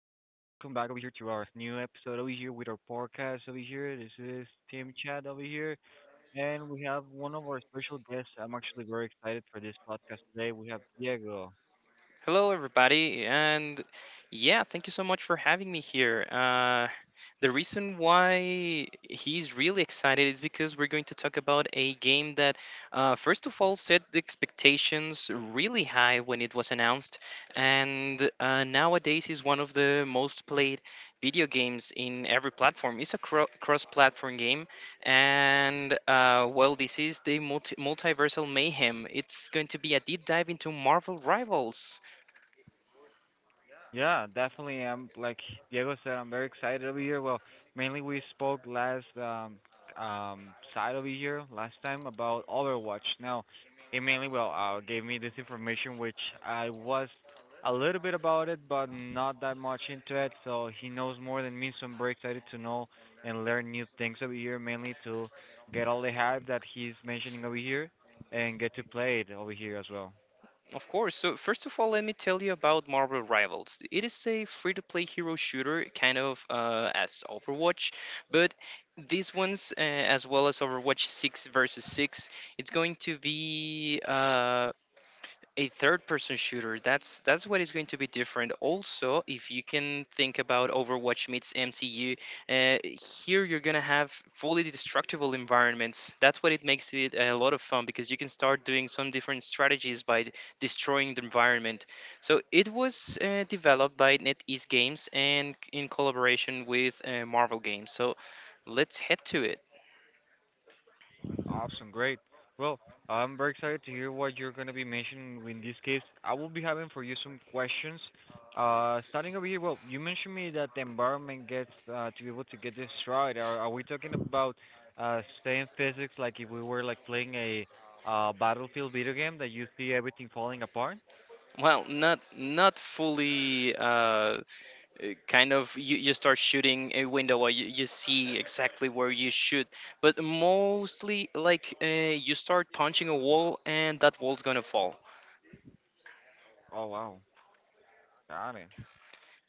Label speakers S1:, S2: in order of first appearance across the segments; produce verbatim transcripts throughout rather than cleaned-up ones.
S1: back over here to our new episode over here with our podcast over here. This is Team Chat over here, and we have one of our special guests. I'm actually very excited for this podcast today. We have Diego.
S2: Hello, everybody, and yeah, thank you so much for having me here. Uh, the reason why he's really excited is because we're going to talk about a game that, uh, first of all, set the expectations really high when it was announced, and uh, nowadays is one of the most played video games in every platform. It's a cro- cross-platform game, and uh, well, this is the multi- multiversal mayhem. It's going to be a deep dive into Marvel Rivals.
S1: Yeah, definitely. I'm like Diego said, I'm very excited over here. Well, mainly we spoke last um um side over here last time about Overwatch. Now, it mainly well uh gave me this information which I was a little bit about it, but not that much into it. So he knows more than me, so I'm very excited to know and learn new things over here, mainly to get all the hype that he's mentioning over here and get to play it over here as well.
S2: Of course. So, first of all, let me tell you about Marvel Rivals. It is a free to play hero shooter, kind of uh, as Overwatch, but these ones, uh, as well as Overwatch six versus six, it's going to be uh, a third person shooter. That's that's what is going to be different. Also, if you can think about Overwatch meets MCU, uh, here you're going to have fully destructible environments. That's what it makes it a lot of fun, because you can start doing some different strategies by d- destroying the environment. So it was uh, developed by NetEase Games and in collaboration with uh, Marvel Games, so let's head to it.
S1: Awesome, great. Well, I'm very excited to hear what you're going to be mentioning. In this case, I will be having for you some questions. Uh, starting over here, well, you mentioned me that the environment gets uh, to be able to get this right. Are, are we talking about uh, same physics, like if we were like playing a uh, battlefield video game that you see everything falling apart?
S2: Well, not not fully, uh, uh, kind of. You, you start shooting a window, or you, you see exactly where you shoot, but mostly, like, uh, you start punching a wall and that wall's gonna fall.
S1: Oh wow, got it,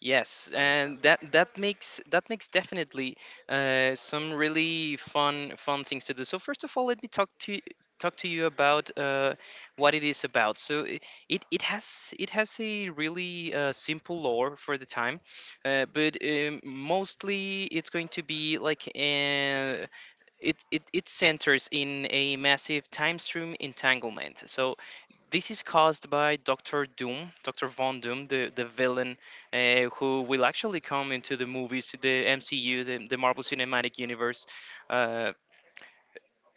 S2: Yes,
S1: got it, got it.
S2: and that that makes that makes definitely uh, some really fun fun things to do. So first of all, let me talk to talk to you about uh, what it is about. So i- it, it has it has a really uh, simple lore for the time, uh, but um, mostly it's going to be like, uh, it, it it centers in a massive time stream entanglement. So this is caused by Doctor Doom, Doctor Von Doom, the the villain, uh, who will actually come into the movies, the M C U, the, the Marvel Cinematic Universe. Uh,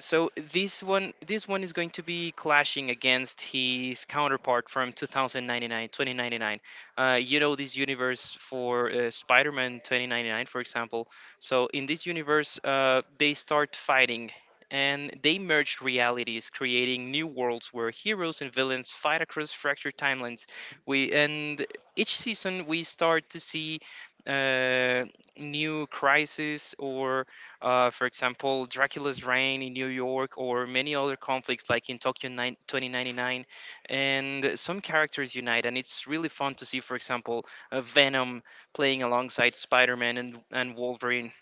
S2: so this one, this one is going to be clashing against his counterpart from twenty ninety-nine, twenty ninety-nine. Uh, you know this universe for uh, Spider-Man twenty ninety-nine, for example. So in this universe, uh, they start fighting, and they merge realities, creating new worlds where heroes and villains fight across fractured timelines. We and each season we start to see uh, new crises, or, uh, for example, Dracula's Reign in New York, or many other conflicts like in Tokyo nine, twenty ninety-nine. And some characters unite, and it's really fun to see, for example, uh, Venom playing alongside Spider Man and, and Wolverine.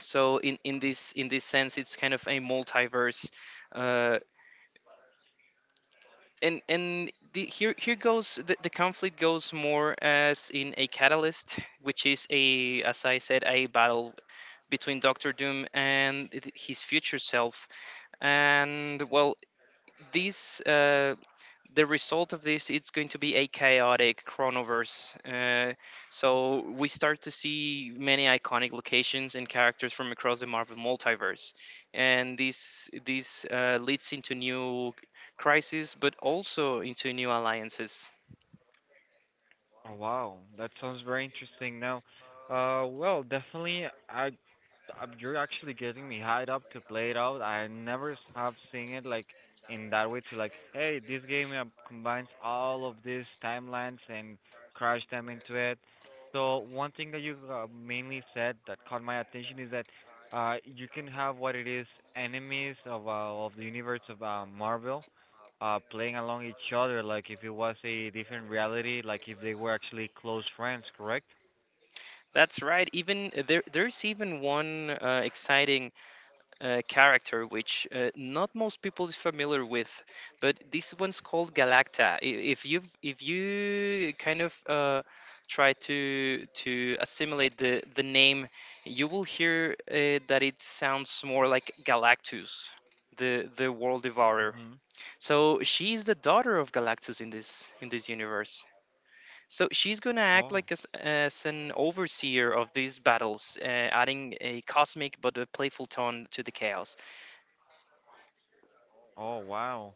S2: So, in, in, this, in this sense, it's kind of a multiverse. Uh, and and the, here, here goes the, the conflict goes more as in a catalyst, which is, a, as I said, a battle between Doctor Doom and th- his future self, and, well, these uh, the result of this, it's going to be a chaotic chronoverse. Uh, so we start to see many iconic locations and characters from across the Marvel multiverse, and this this uh, leads into new crises, but also into new alliances.
S1: Oh, wow, that sounds very interesting. Now, uh, well, definitely, I, I you're actually getting me hyped up to play it out. I never s- have seen it like in that way to like, hey, this game uh, combines all of these timelines and crash them into it. So one thing that you uh, mainly said that caught my attention is that uh, you can have what it is enemies of uh, of the universe of uh, Marvel uh playing along each other like if it was a different reality, like if they were actually close friends, correct?
S2: That's right. Even there, there's even one uh, exciting uh, character, which uh, not most people is familiar with, but this one's called Galacta. I- If you, if you kind of uh, try to to assimilate the the name, you will hear uh, that it sounds more like Galactus, the the world devourer.
S1: Mm-hmm.
S2: So she is the daughter of Galactus in this in this universe. So she's gonna act
S1: Oh.
S2: like as, as an overseer of these battles, uh, adding a cosmic but a playful tone to the chaos.
S1: Oh, wow.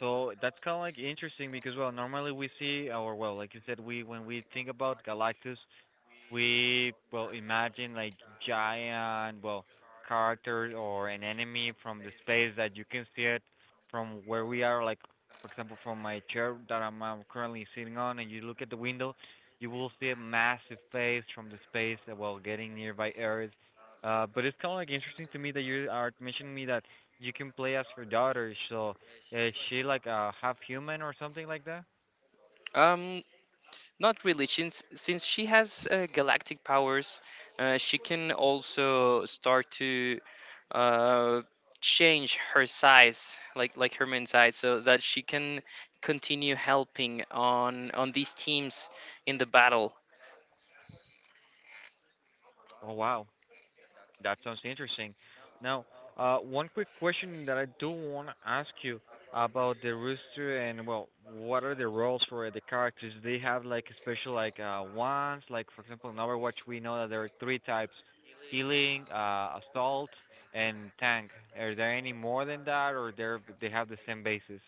S1: So that's kind of like interesting because well, normally we see or well, like you said, we when we think about Galactus, we well imagine like giant well character or an enemy from the space that you can see it from where we are, like for example from my chair that I'm, um currently sitting on, and you look at the window, you will see a massive face from the space, uh, while getting nearby areas, uh but it's kind of like interesting to me that you are mentioning me that you can play as her daughter. So is she like a half human or something like that?
S2: Um, Not really. Since since she has uh, galactic powers, uh, she can also start to uh, change her size, like like her main size, so that she can continue helping on on these teams in the battle.
S1: Oh wow, that sounds interesting. Now, uh, one quick question that I do want to ask you about the rooster and well, what are the roles for the characters? Do they have like special like uh ones? Like for example, in Overwatch, we know that there are three types: healing, uh, assault, and tank. Are there any more than that, or they are they have the same basis?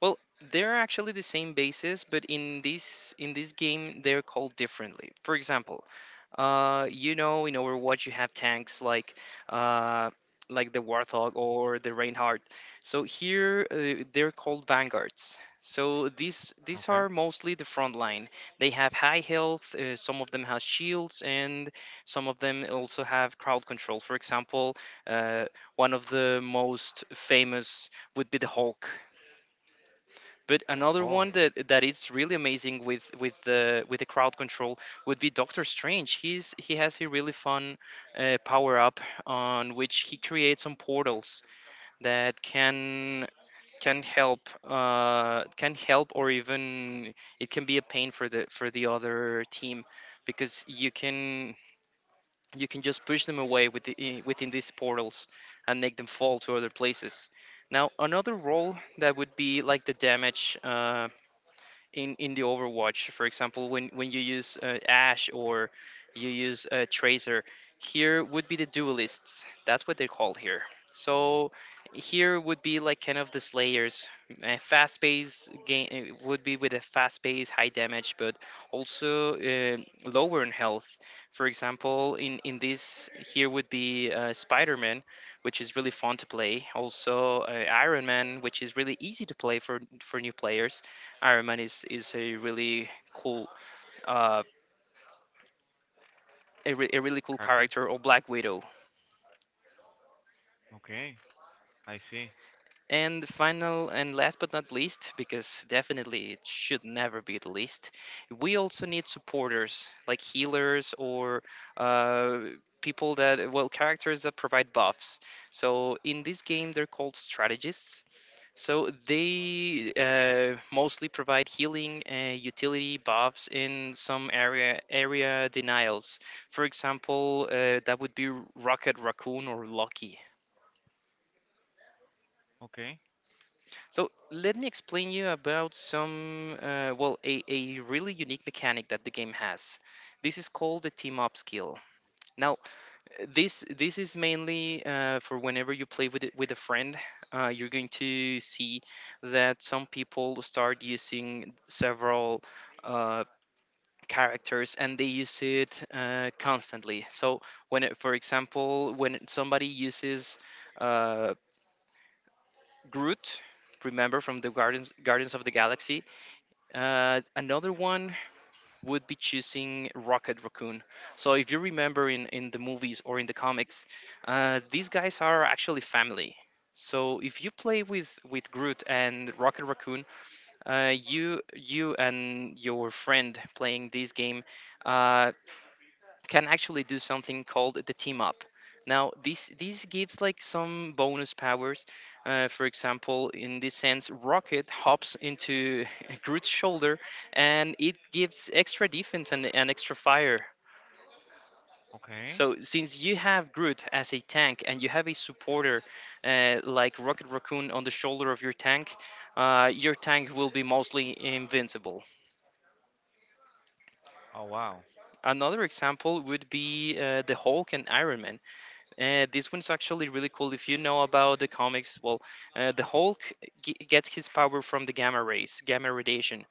S2: Well, they're actually the same bases, but in this in this game they're called differently. For example, Uh, you know, in Overwatch, you have tanks like, uh, like the Warthog or the Reinhardt. So here, uh, they're called vanguards. So these these
S1: Okay.
S2: are mostly the front line. They have high health. Uh, some of them have shields, and some of them also have crowd control. For example, uh, one of the most famous would be the Hulk. But another
S1: Oh,
S2: one, that that is really amazing with with the with the crowd control, would be Doctor Strange. He's he has a really fun uh, power up on which he creates some portals that can can help, uh, can help, or even it can be a pain for the for the other team, because you can, you can just push them away with the, i- within these portals, and make them fall to other places. Now another role that would be like the damage. Uh, in in the Overwatch, for example, when, when you use uh, Ash or you use uh, Tracer, here would be the duelists. That's what they're called here. So here would be like kind of the slayers. A fast pace game would be with a fast pace, high damage, but also uh, lower in health. For example, in in this, here would be uh, Spider Man, which is really fun to play. Also uh, Iron Man, which is really easy to play for for new players. Iron Man is is a really cool uh a, re- a really cool
S1: character.
S2: character, or Black Widow.
S1: Okay, I see.
S2: And the final and last but not least, because definitely it should never be the least, we also need supporters like healers or, uh, people that, well, characters that provide buffs. So in this game, they're called strategists. So they uh, mostly provide healing, uh, utility buffs, in some area area denials. For example, uh, that would be Rocket Raccoon or Lucky.
S1: Okay.
S2: So let me explain you about some, uh, well, a, a really unique mechanic that the game has. This is called the team up skill. Now this this is mainly, uh, for whenever you play with it with a friend, uh, you're going to see that some people start using several uh, characters, and they use it uh, constantly. So when it, for example, when somebody uses uh, Groot, remember from the gardens Guardians of the Galaxy, uh, another one would be choosing Rocket Raccoon. So if you remember in in the movies or in the comics, uh, these guys are actually family. So if you play with, with Groot and Rocket Raccoon, uh, you you and your friend playing this game, uh, can actually do something called the team up. Now, this this gives like some bonus powers. Uh, for example, in this sense, Rocket hops into Groot's shoulder, and it gives extra defense and, and extra fire.
S1: Okay.
S2: So, since you have Groot as a tank and you have a supporter, uh, like Rocket Raccoon on the shoulder of your tank, uh, your tank will be mostly invincible.
S1: Oh wow.
S2: Another example would be uh, the Hulk and Iron Man. Uh, this one's actually really cool. If you know about the comics, well, uh, the Hulk g- gets his power from the gamma rays, gamma radiation.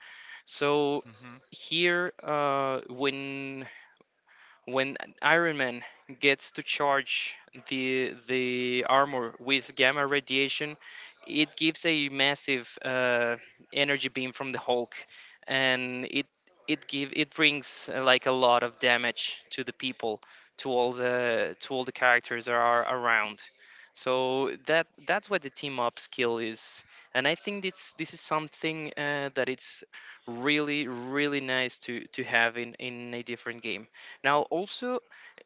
S2: So
S1: Mhm.
S2: here, uh, when when Iron Man gets to charge the the armor with gamma radiation, it gives a massive uh, energy beam from the Hulk, and it it give it brings, uh, like, a lot of damage to the people, to all the to all the characters that are around. So that that's what the team up skill is, and I think this this is something, uh, that it's really really nice to to have in in a different game. Now, also,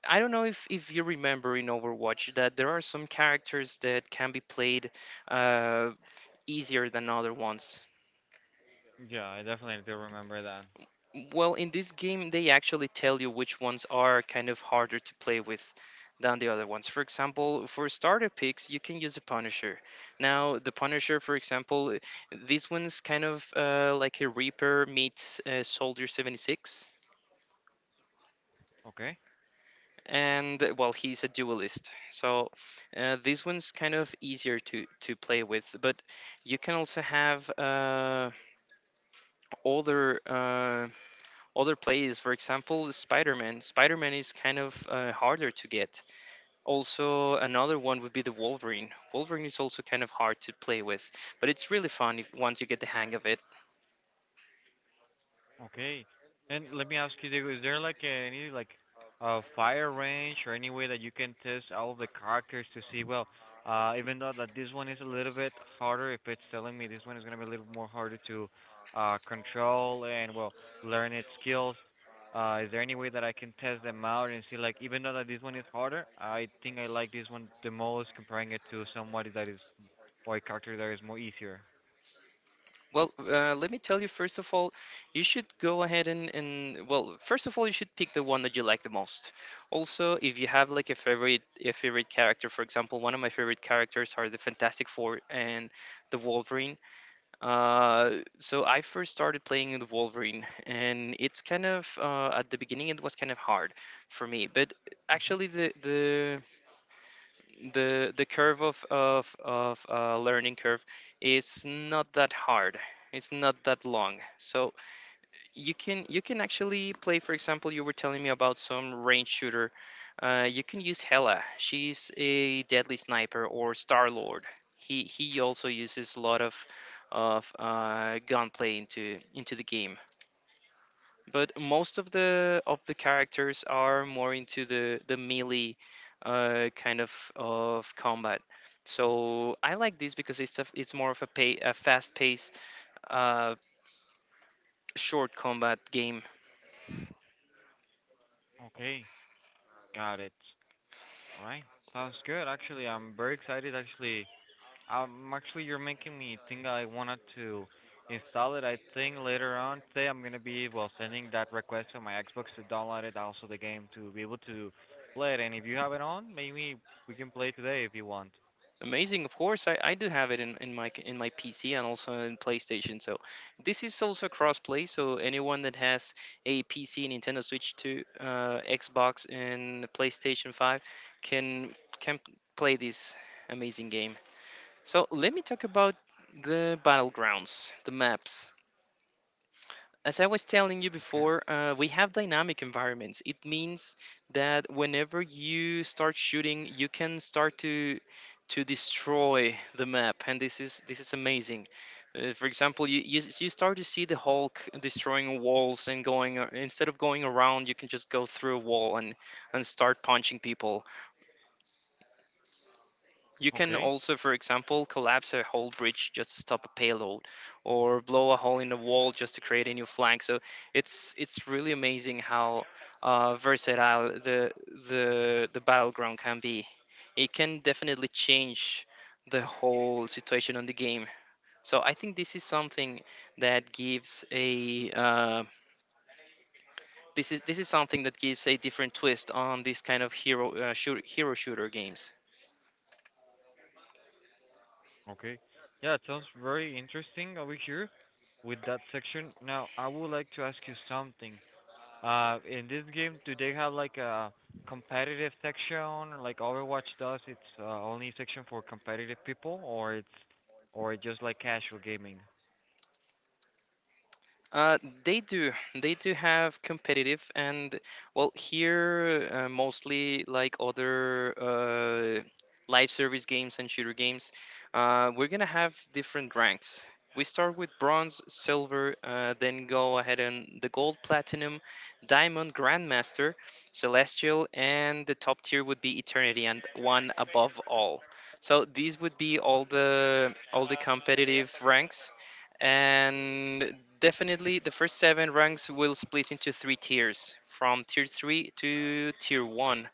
S2: I don't know if, if you remember in Overwatch that there are some characters that can be played uh, easier than other ones.
S1: Yeah, I definitely do remember that.
S2: Well, in this game, they actually tell you which ones are kind of harder to play with than the other ones. For example, for starter picks, you can use a Punisher. Now, the Punisher, for example, this one's kind of uh, like a Reaper meets uh, Soldier seventy-six.
S1: Okay.
S2: And well, he's a duelist, so uh, this one's kind of easier to to play with, but you can also have uh, other uh, other plays. For example, spider-man Spider-Man is kind of uh, harder to get. Also another one would be the wolverine Wolverine. Is also kind of hard to play with, but it's really fun, if once you get the hang of it.
S1: Okay. And let me ask you, Diego, is there like any like uh fire range or any way that you can test all of the characters to see, well, uh even though that this one is a little bit harder, if it's telling me this one is gonna be a little more harder to uh control and well learn its skills. Uh is there any way that I can test them out and see, like, even though that this one is harder, I think I like this one the most, comparing it to somebody that is or a character that is more easier.
S2: Well, uh, let me tell you, first of all, you should go ahead and, and, well, first of all, you should pick the one that you like the most. Also, if you have like a favorite a favorite character, for example, one of my favorite characters are the Fantastic Four and the Wolverine. Uh, so I first started playing the Wolverine, and it's kind of uh, at the beginning it was kind of hard for me, but
S1: Mhm.
S2: actually the the the the curve of of of uh, learning curve is not that hard. It's not that long, so you can you can actually play. For example, you were telling me about some range shooter. Uh, you can use Hela. She's a deadly sniper or Star Lord. He he also uses a lot of of uh, gunplay into into the game, but most of the of the characters are more into the the melee uh, kind of of combat. So I like this because it's a, it's more of a pay, a fast paced uh, short combat game.
S1: Okay. Got it. All right. Sounds good. Actually, I'm very excited. Actually, I'm actually you're making me think. I wanted to install it. I think later on today I'm gonna be well sending that request to my Xbox to download it, also the game to be able to play it. And if you have it on, maybe we can play today if you want.
S2: Amazing, of course. I, I do have it in, in my in my P C and also in PlayStation. So this is also cross play. So anyone that has a P C, Nintendo Switch, to uh, Xbox and PlayStation Five can can play this amazing game. So let me talk about the battlegrounds, the maps. As I was telling you
S1: Okay.
S2: before, uh, we have dynamic environments. It means that whenever you start shooting, you can start to to destroy the map, and this is this is amazing. Uh, for example, you, you s- you start to see the Hulk destroying walls and going a- instead of going around, you can just go through a wall and and start punching people. You can
S1: Okay.
S2: also, for example, collapse a whole bridge just to stop a payload, or blow a hole in the wall just to create a new flank. So it's it's really amazing how uh, versatile the the the battleground can be. It can definitely change the whole situation on the game. So I think this is something that gives a uh, this is this is something that gives a different twist on this kind of hero uh, shoot, hero shooter games.
S1: Okay. Yeah, it sounds very interesting over here with that section. Now, I would like to ask you something. Uh, in this game, do they have like a competitive section like Overwatch does? It's uh, only section for competitive people, or it's or it's just like casual gaming?
S2: Uh, they do. They do have competitive and well, here uh, mostly like other uh, live service games and shooter games. Uh, we're gonna have different ranks. We start with bronze, silver, uh, then go ahead and the gold, platinum, diamond, grandmaster, celestial, and the top tier would be eternity and one above all. So these would be all the all the competitive ranks and definitely, the first seven ranks will split into three tiers, from tier three to tier one.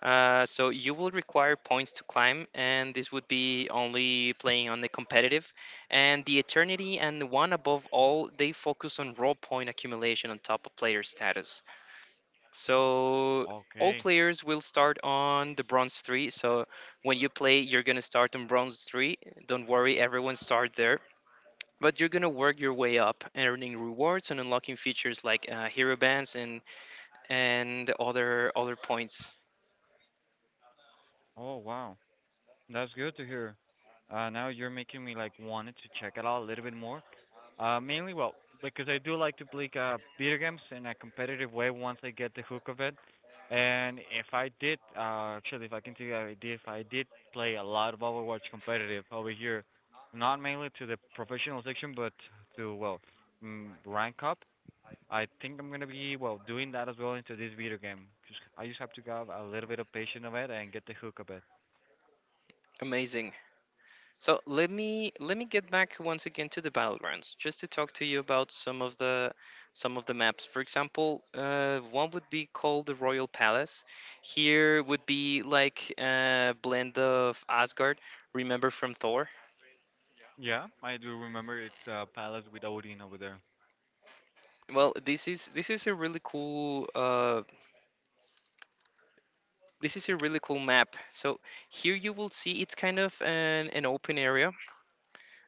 S2: Uh, so you will require points to climb, and this would be only playing on the competitive. And the Eternity and One Above All, they focus on raw point accumulation on top of player status. So all
S1: Okay.
S2: players will start on the bronze three. So when you play, you're going to start on bronze three. Don't worry, everyone start there. But you're gonna work your way up, earning rewards and unlocking features like uh, hero bands and and other other points.
S1: Oh wow. That's good to hear. Uh, now you're making me like wanted to check it out a little bit more. Uh, mainly, well, because I do like to play uh, video games in a competitive way once I get the hook of it. And if I did, uh, actually, if I can tell you, I did, if I did play a lot of Overwatch competitive over here, not mainly to the professional section, but to well, mm, rank up. I think I'm gonna be well doing that as well into this video game. Just I just have to have a little bit of patience of it and get the hook of it.
S2: Amazing. So let me let me get back once again to the battlegrounds, just to talk to you about some of the some of the maps. For example, uh, one would be called the Royal Palace. Here would be like a blend of Asgard, remember from Thor.
S1: Yeah, I do remember, it's a Palace with Odin over there.
S2: Well, this is this is a really cool uh, this is a really cool map. So here you will see it's kind of an, an open area,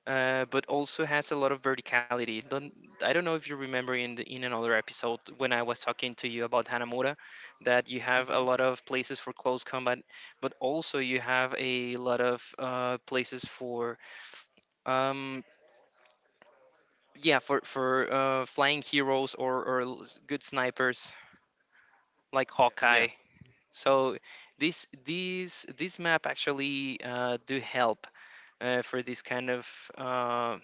S2: uh, but also has a lot of verticality. Don't, I don't know if you remember in the, in another episode when I was talking to you about Hanamura, that you have a
S1: Hmm.
S2: lot of places for close combat, but also you have a lot of uh, places for um, yeah, for for uh, flying heroes, or or l- s- good snipers like
S1: Yeah.
S2: Hawkeye. So this these this map actually uh, do help uh, for this kind of uh,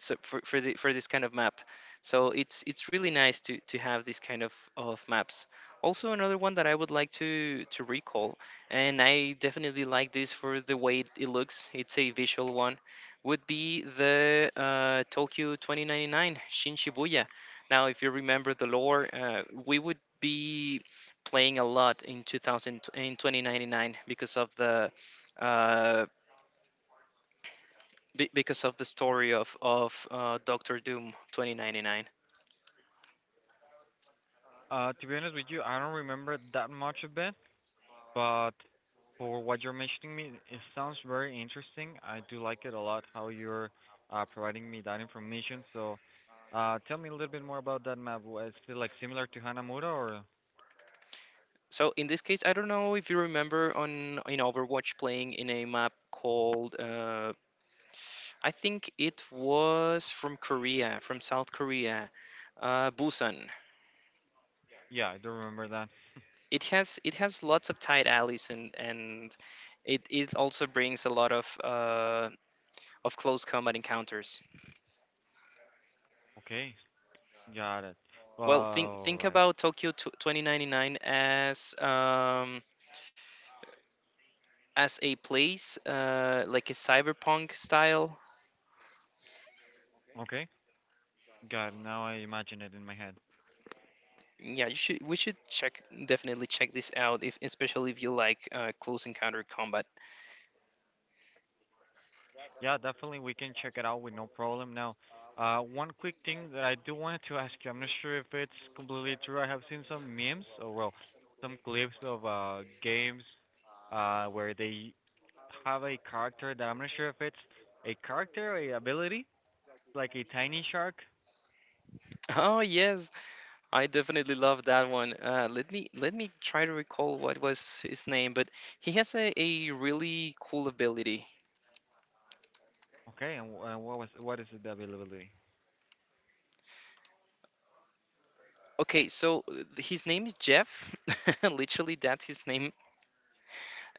S2: so for, for, the, for this kind of map, so it's it's really nice to to have this kind of, of maps. Also another one that I would like to to recall, and I definitely like this for the way it looks, it's a visual one, would be the uh, Tokyo twenty ninety-nine Shin Shibuya. Now if you remember the lore, uh, we would be playing a lot in 2000 in twenty ninety-nine because of the uh, be- because of the story of of uh, Doctor Doom twenty ninety-nine.
S1: Uh, to be honest with you, I don't remember that much of it, but for what you're mentioning me, it sounds very interesting. I do like it a lot how you're uh, providing me that information. So, uh, tell me a little bit more about that map. Was it like similar to Hanamura or?
S2: So in this case, I don't know if you remember on in Overwatch playing in a map called uh, I think it was from Korea, from South Korea, uh, Busan.
S1: Yeah, I do remember that.
S2: It has it has lots of tight alleys, and and it, it also brings a lot of uh, of close combat encounters.
S1: Okay, got it.
S2: Well, think
S1: All
S2: think
S1: right.
S2: about Tokyo t- twenty ninety-nine as um, as a place, uh, like a cyberpunk style.
S1: Okay, got it. Now I imagine it in my head.
S2: Yeah, you should. We should check definitely check this out, if especially if you like uh, close encounter combat.
S1: Yeah, definitely we can check it out with no problem. Now, uh, one quick thing that I do wanted to ask you, I'm not sure if it's completely true. I have seen some memes or well, some clips of uh games uh where they have a character that I'm not sure if it's a character or a ability, like a tiny shark.
S2: Oh yes, I definitely love that one. Uh, let me let me try to recall what was his name, but he has a, a really cool ability.
S1: Okay, and, wh- and what was what is the availability?
S2: Okay, so uh, his name is Jeff. Literally, that's his name,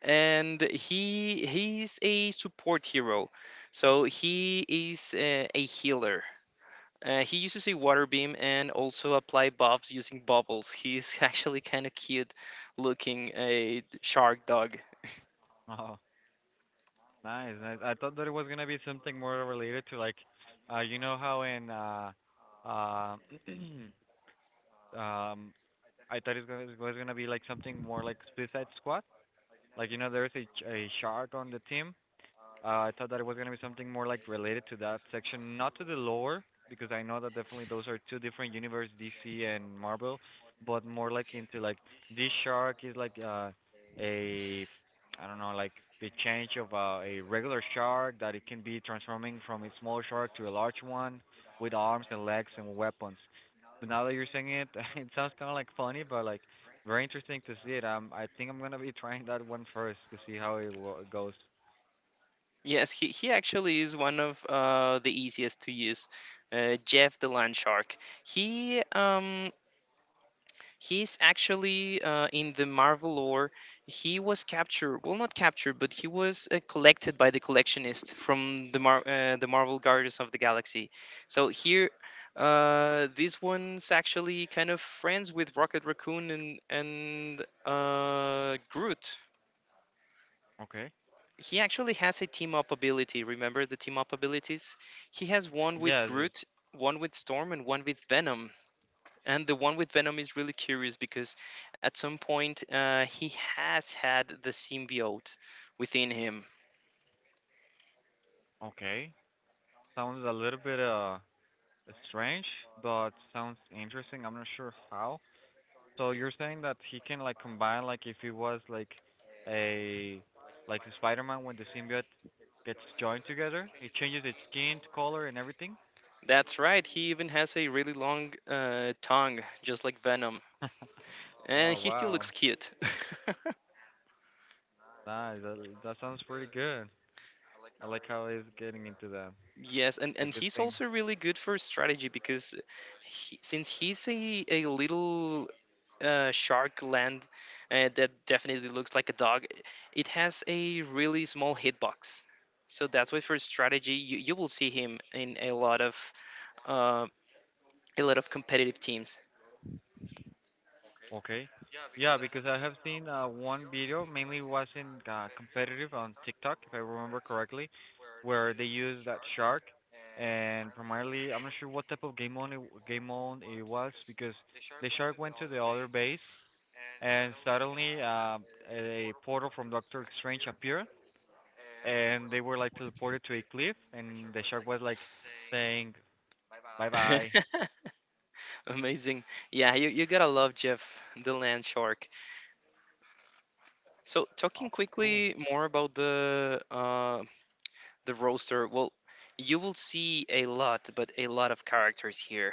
S2: and he he's a support hero. So he is uh, a healer. Uh, he uses a water beam and also apply buffs using bubbles. He's actually kind of cute looking, a shark dog.
S1: Oh, nice, nice. I thought that it was gonna be something more related to, like, uh, you know how in uh, uh, Um, I thought it was gonna be like something more like Suicide Squad. Like you know, there's a a shark on the team, uh, I thought that it was gonna be something more like related to that section, not to the lore, because I know that definitely those are two different universes, D C and Marvel, but more like into like this shark is like uh a I don't know, like the change of uh, a regular shark that it can be transforming from a small shark to a large one with arms and legs and weapons. But now that you're saying it, it sounds kind of like funny, but like very interesting to see it. Um, I think I'm gonna be trying that one first to see how it wo- goes.
S2: Yes, he, he actually is one of uh, the easiest to use. Uh, Jeff the land shark. He um He's actually uh, in the Marvel lore. He was captured, well, not captured, but he was uh, collected by the collectionist from the Mar- uh, the Marvel Guardians of the Galaxy. So here, uh, this one's actually kind of friends with Rocket Raccoon and and uh, Groot.
S1: Okay.
S2: He actually has a team up ability. Remember the team up abilities? He has one with
S1: Yeah, this,
S2: Groot, one with Storm, and one with Venom. And the one with Venom is really curious because at some point uh, he has had the symbiote within him.
S1: okay. Sounds a little bit uh strange, but sounds interesting. I'm not sure how. So you're saying that he can like combine, like if he was like a like the Spider-Man when the symbiote gets joined together, it changes its skin color and everything.
S2: That's right, he even has a really long uh, tongue, just like Venom. And
S1: Oh
S2: he still looks
S1: wow,
S2: cute.
S1: nice. That that sounds pretty good. I like how he's getting into that. It's
S2: Yes, and
S1: a
S2: and
S1: good
S2: he's
S1: thing.
S2: also really good for strategy because he, since he's a, a little uh, shark land uh, that definitely looks like a dog, it has a really small hitbox. So that's why for strategy, you, you will see him in a lot of uh, a lot of competitive teams.
S1: Okay. Yeah, because I have seen uh, one video, mainly was in uh, competitive on TikTok, if I remember correctly, where they used that shark, and primarily, I'm not sure what type of game mode it, game mode it was, because the shark went to the other base, and suddenly uh, a portal from Doctor Strange appeared, and they were like teleported to a cliff, and the shark was like saying bye bye.
S2: Amazing. Yeah, you, you gotta love Jeff, the land shark. So talking
S1: Awesome, cool,
S2: quickly more about the uh, the roaster, well, you will see a lot, but a lot of characters here.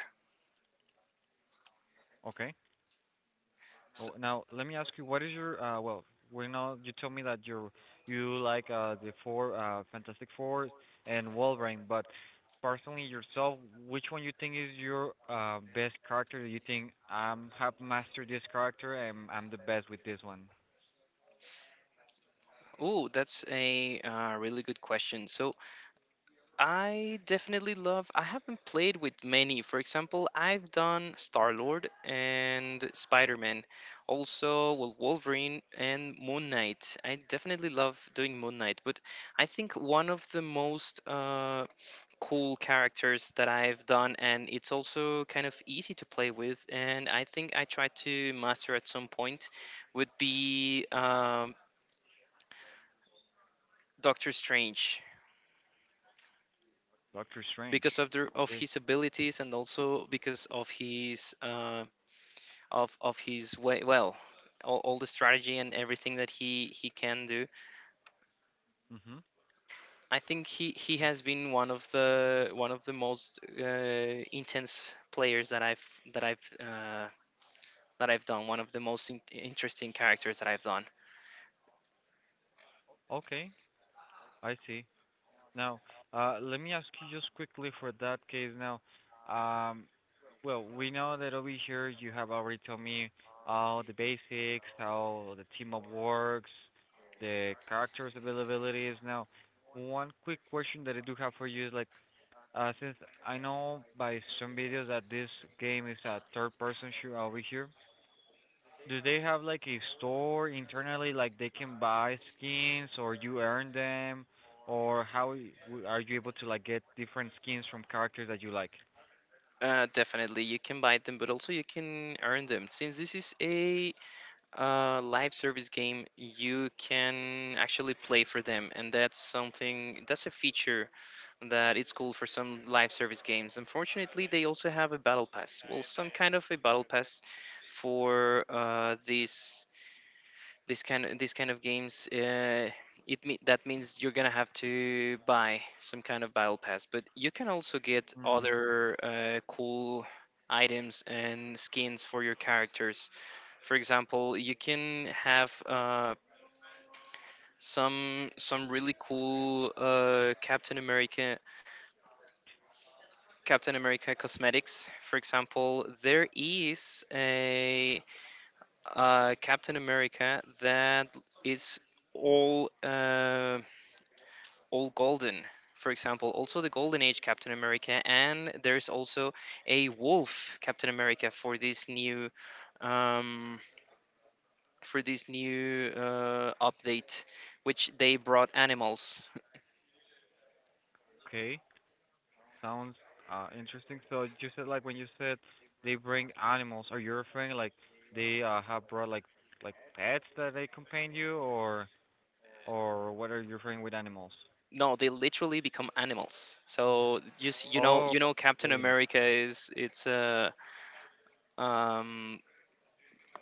S1: okay. Oh,
S2: So,
S1: now let me ask you, what is your uh well, we know you told me that you you like uh the four uh Fantastic Four and Wolverine, but personally yourself, which one you think is your uh best character? You think I'm have mastered this character and I'm the best with this one?
S2: ooh, that's a uh, really good question. So I definitely love. I haven't played with many. For example, I've done Star Lord and Spider Man, also well, Wolverine and Moon Knight. I definitely love doing Moon Knight, but I think one of the most uh, cool characters that I've done, and it's also kind of easy to play with, and I think I tried to master at some point, would be um, Doctor Strange.
S1: Doctor Strange.
S2: Because of the of
S1: Okay.
S2: his abilities and also because of his uh, of of his way, well, all, all the strategy and everything that he he can do,
S1: Mhm.
S2: I think he he
S1: Okay.
S2: has been one of the one of the most uh, intense players that i've that i've uh, that I've done, one of the most in- interesting characters that I've done.
S1: Okay. I see. Now, uh, let me ask you just quickly for that case now. Um, well, we know that over here you have already told me all the basics, how the team up works, the characters availabilities. Now, one quick question that I do have for you is like, uh, since I know by some videos that this game is a third person shooter over here, do they have like a store internally, like they can buy skins or you earn them, or how y- w- are you able to like get different skins from characters that you like?
S2: Uh, definitely you can buy them, but also you can earn them, since this is a uh, live service game, you can actually play for them, and that's something that's a feature that it's cool for some live service games. Unfortunately, they also have a battle pass, well, some kind of a battle pass for uh, these this kind of these kind of games. Uh, it me- that means you're gonna have to buy some kind of battle pass, but you can also get
S1: Mm,
S2: other uh, cool items and skins for your characters. For example, you can have uh, some some really cool uh, Captain America Captain America cosmetics. For example, there is a uh, Captain America that is all uh, all golden. For example, also the Golden Age Captain America, and there's also a Wolf Captain America for this new um, for this new uh, update, which they brought animals.
S1: okay, sounds uh interesting. So you said like when you said they bring animals, are you referring like they uh have brought like like pets that they accompany you, or or what are you referring with animals?
S2: No, they literally become animals. So just you know,
S1: Oh,
S2: you know, Captain
S1: okay.
S2: America is it's a um,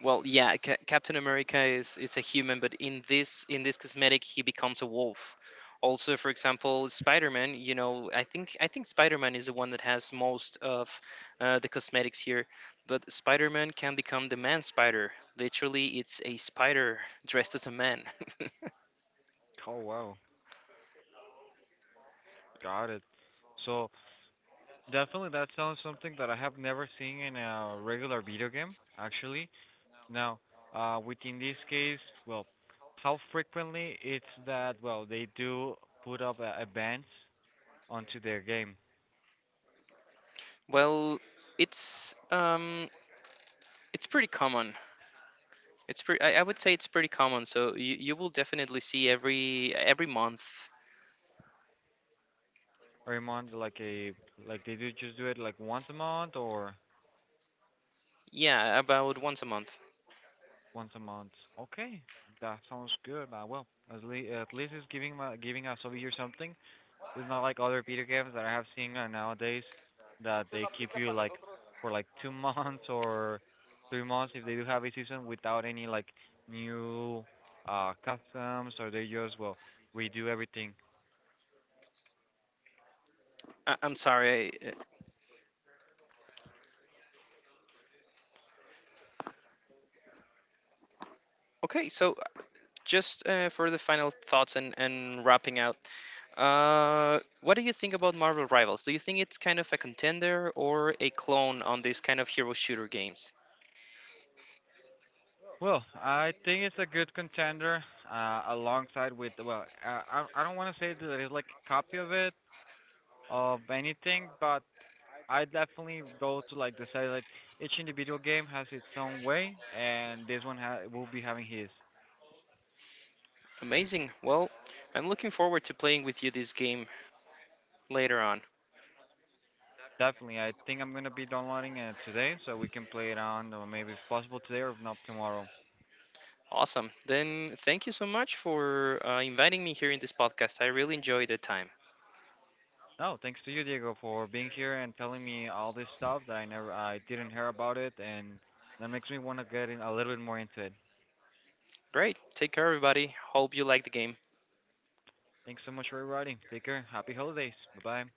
S2: well, yeah, Ca Captain America is is a human, but in this in this cosmetic, he becomes a wolf. Also, for example, Spider-Man. You know, I think I think Spider-Man is the one that has most of uh, the cosmetics here. But Spider-Man can become the man spider. Literally, it's a spider dressed as a man.
S1: Oh wow, got it. So definitely, that sounds something that I have never seen in a regular video game, actually. Now, uh, within this case, well, how frequently it's that, well, they do put up uh, events onto their game
S2: Well, it's um, it's pretty common. It's pretty. I, I would say it's pretty common. So you, you will definitely see every every month.
S1: every month, like a, like they do just do it like once a month or
S2: Yeah, about once a month.
S1: once a month. Okay, that sounds good. Uh, well, at least at least it's giving my, giving us over here something. It's not like other video games that I have seen uh, nowadays that they keep you like for like two months or three months if they do have a season without any like new uh customs or they just well we do everything.
S2: I- I'm sorry. I- uh, Okay, so uh, Just uh, for the final thoughts and and wrapping out, uh, what do you think about Marvel Rivals? Do you think it's kind of a contender or a clone on these kind of hero shooter games?
S1: Well, I think it's a good contender uh alongside with, well, uh, I I don't want to say that it's like a copy of it of anything, but I definitely go to like the side, like each individual game has its own way and this one ha- will be having his.
S2: Amazing. Well, I'm looking forward to playing with you this game later on.
S1: Definitely. I think I'm gonna be downloading it today so we can play it on, or maybe if possible today or if not tomorrow.
S2: Awesome. Then thank you so much for uh, inviting me here in this podcast. I really enjoyed the time.
S1: No, thanks to you, Diego, for being here and telling me all this stuff that I never I didn't hear about it and that makes me wanna get in a little bit more into it.
S2: Great. Take care, everybody. Hope you like the game.
S1: Thanks so much for everybody. Take care. Happy holidays. Bye bye.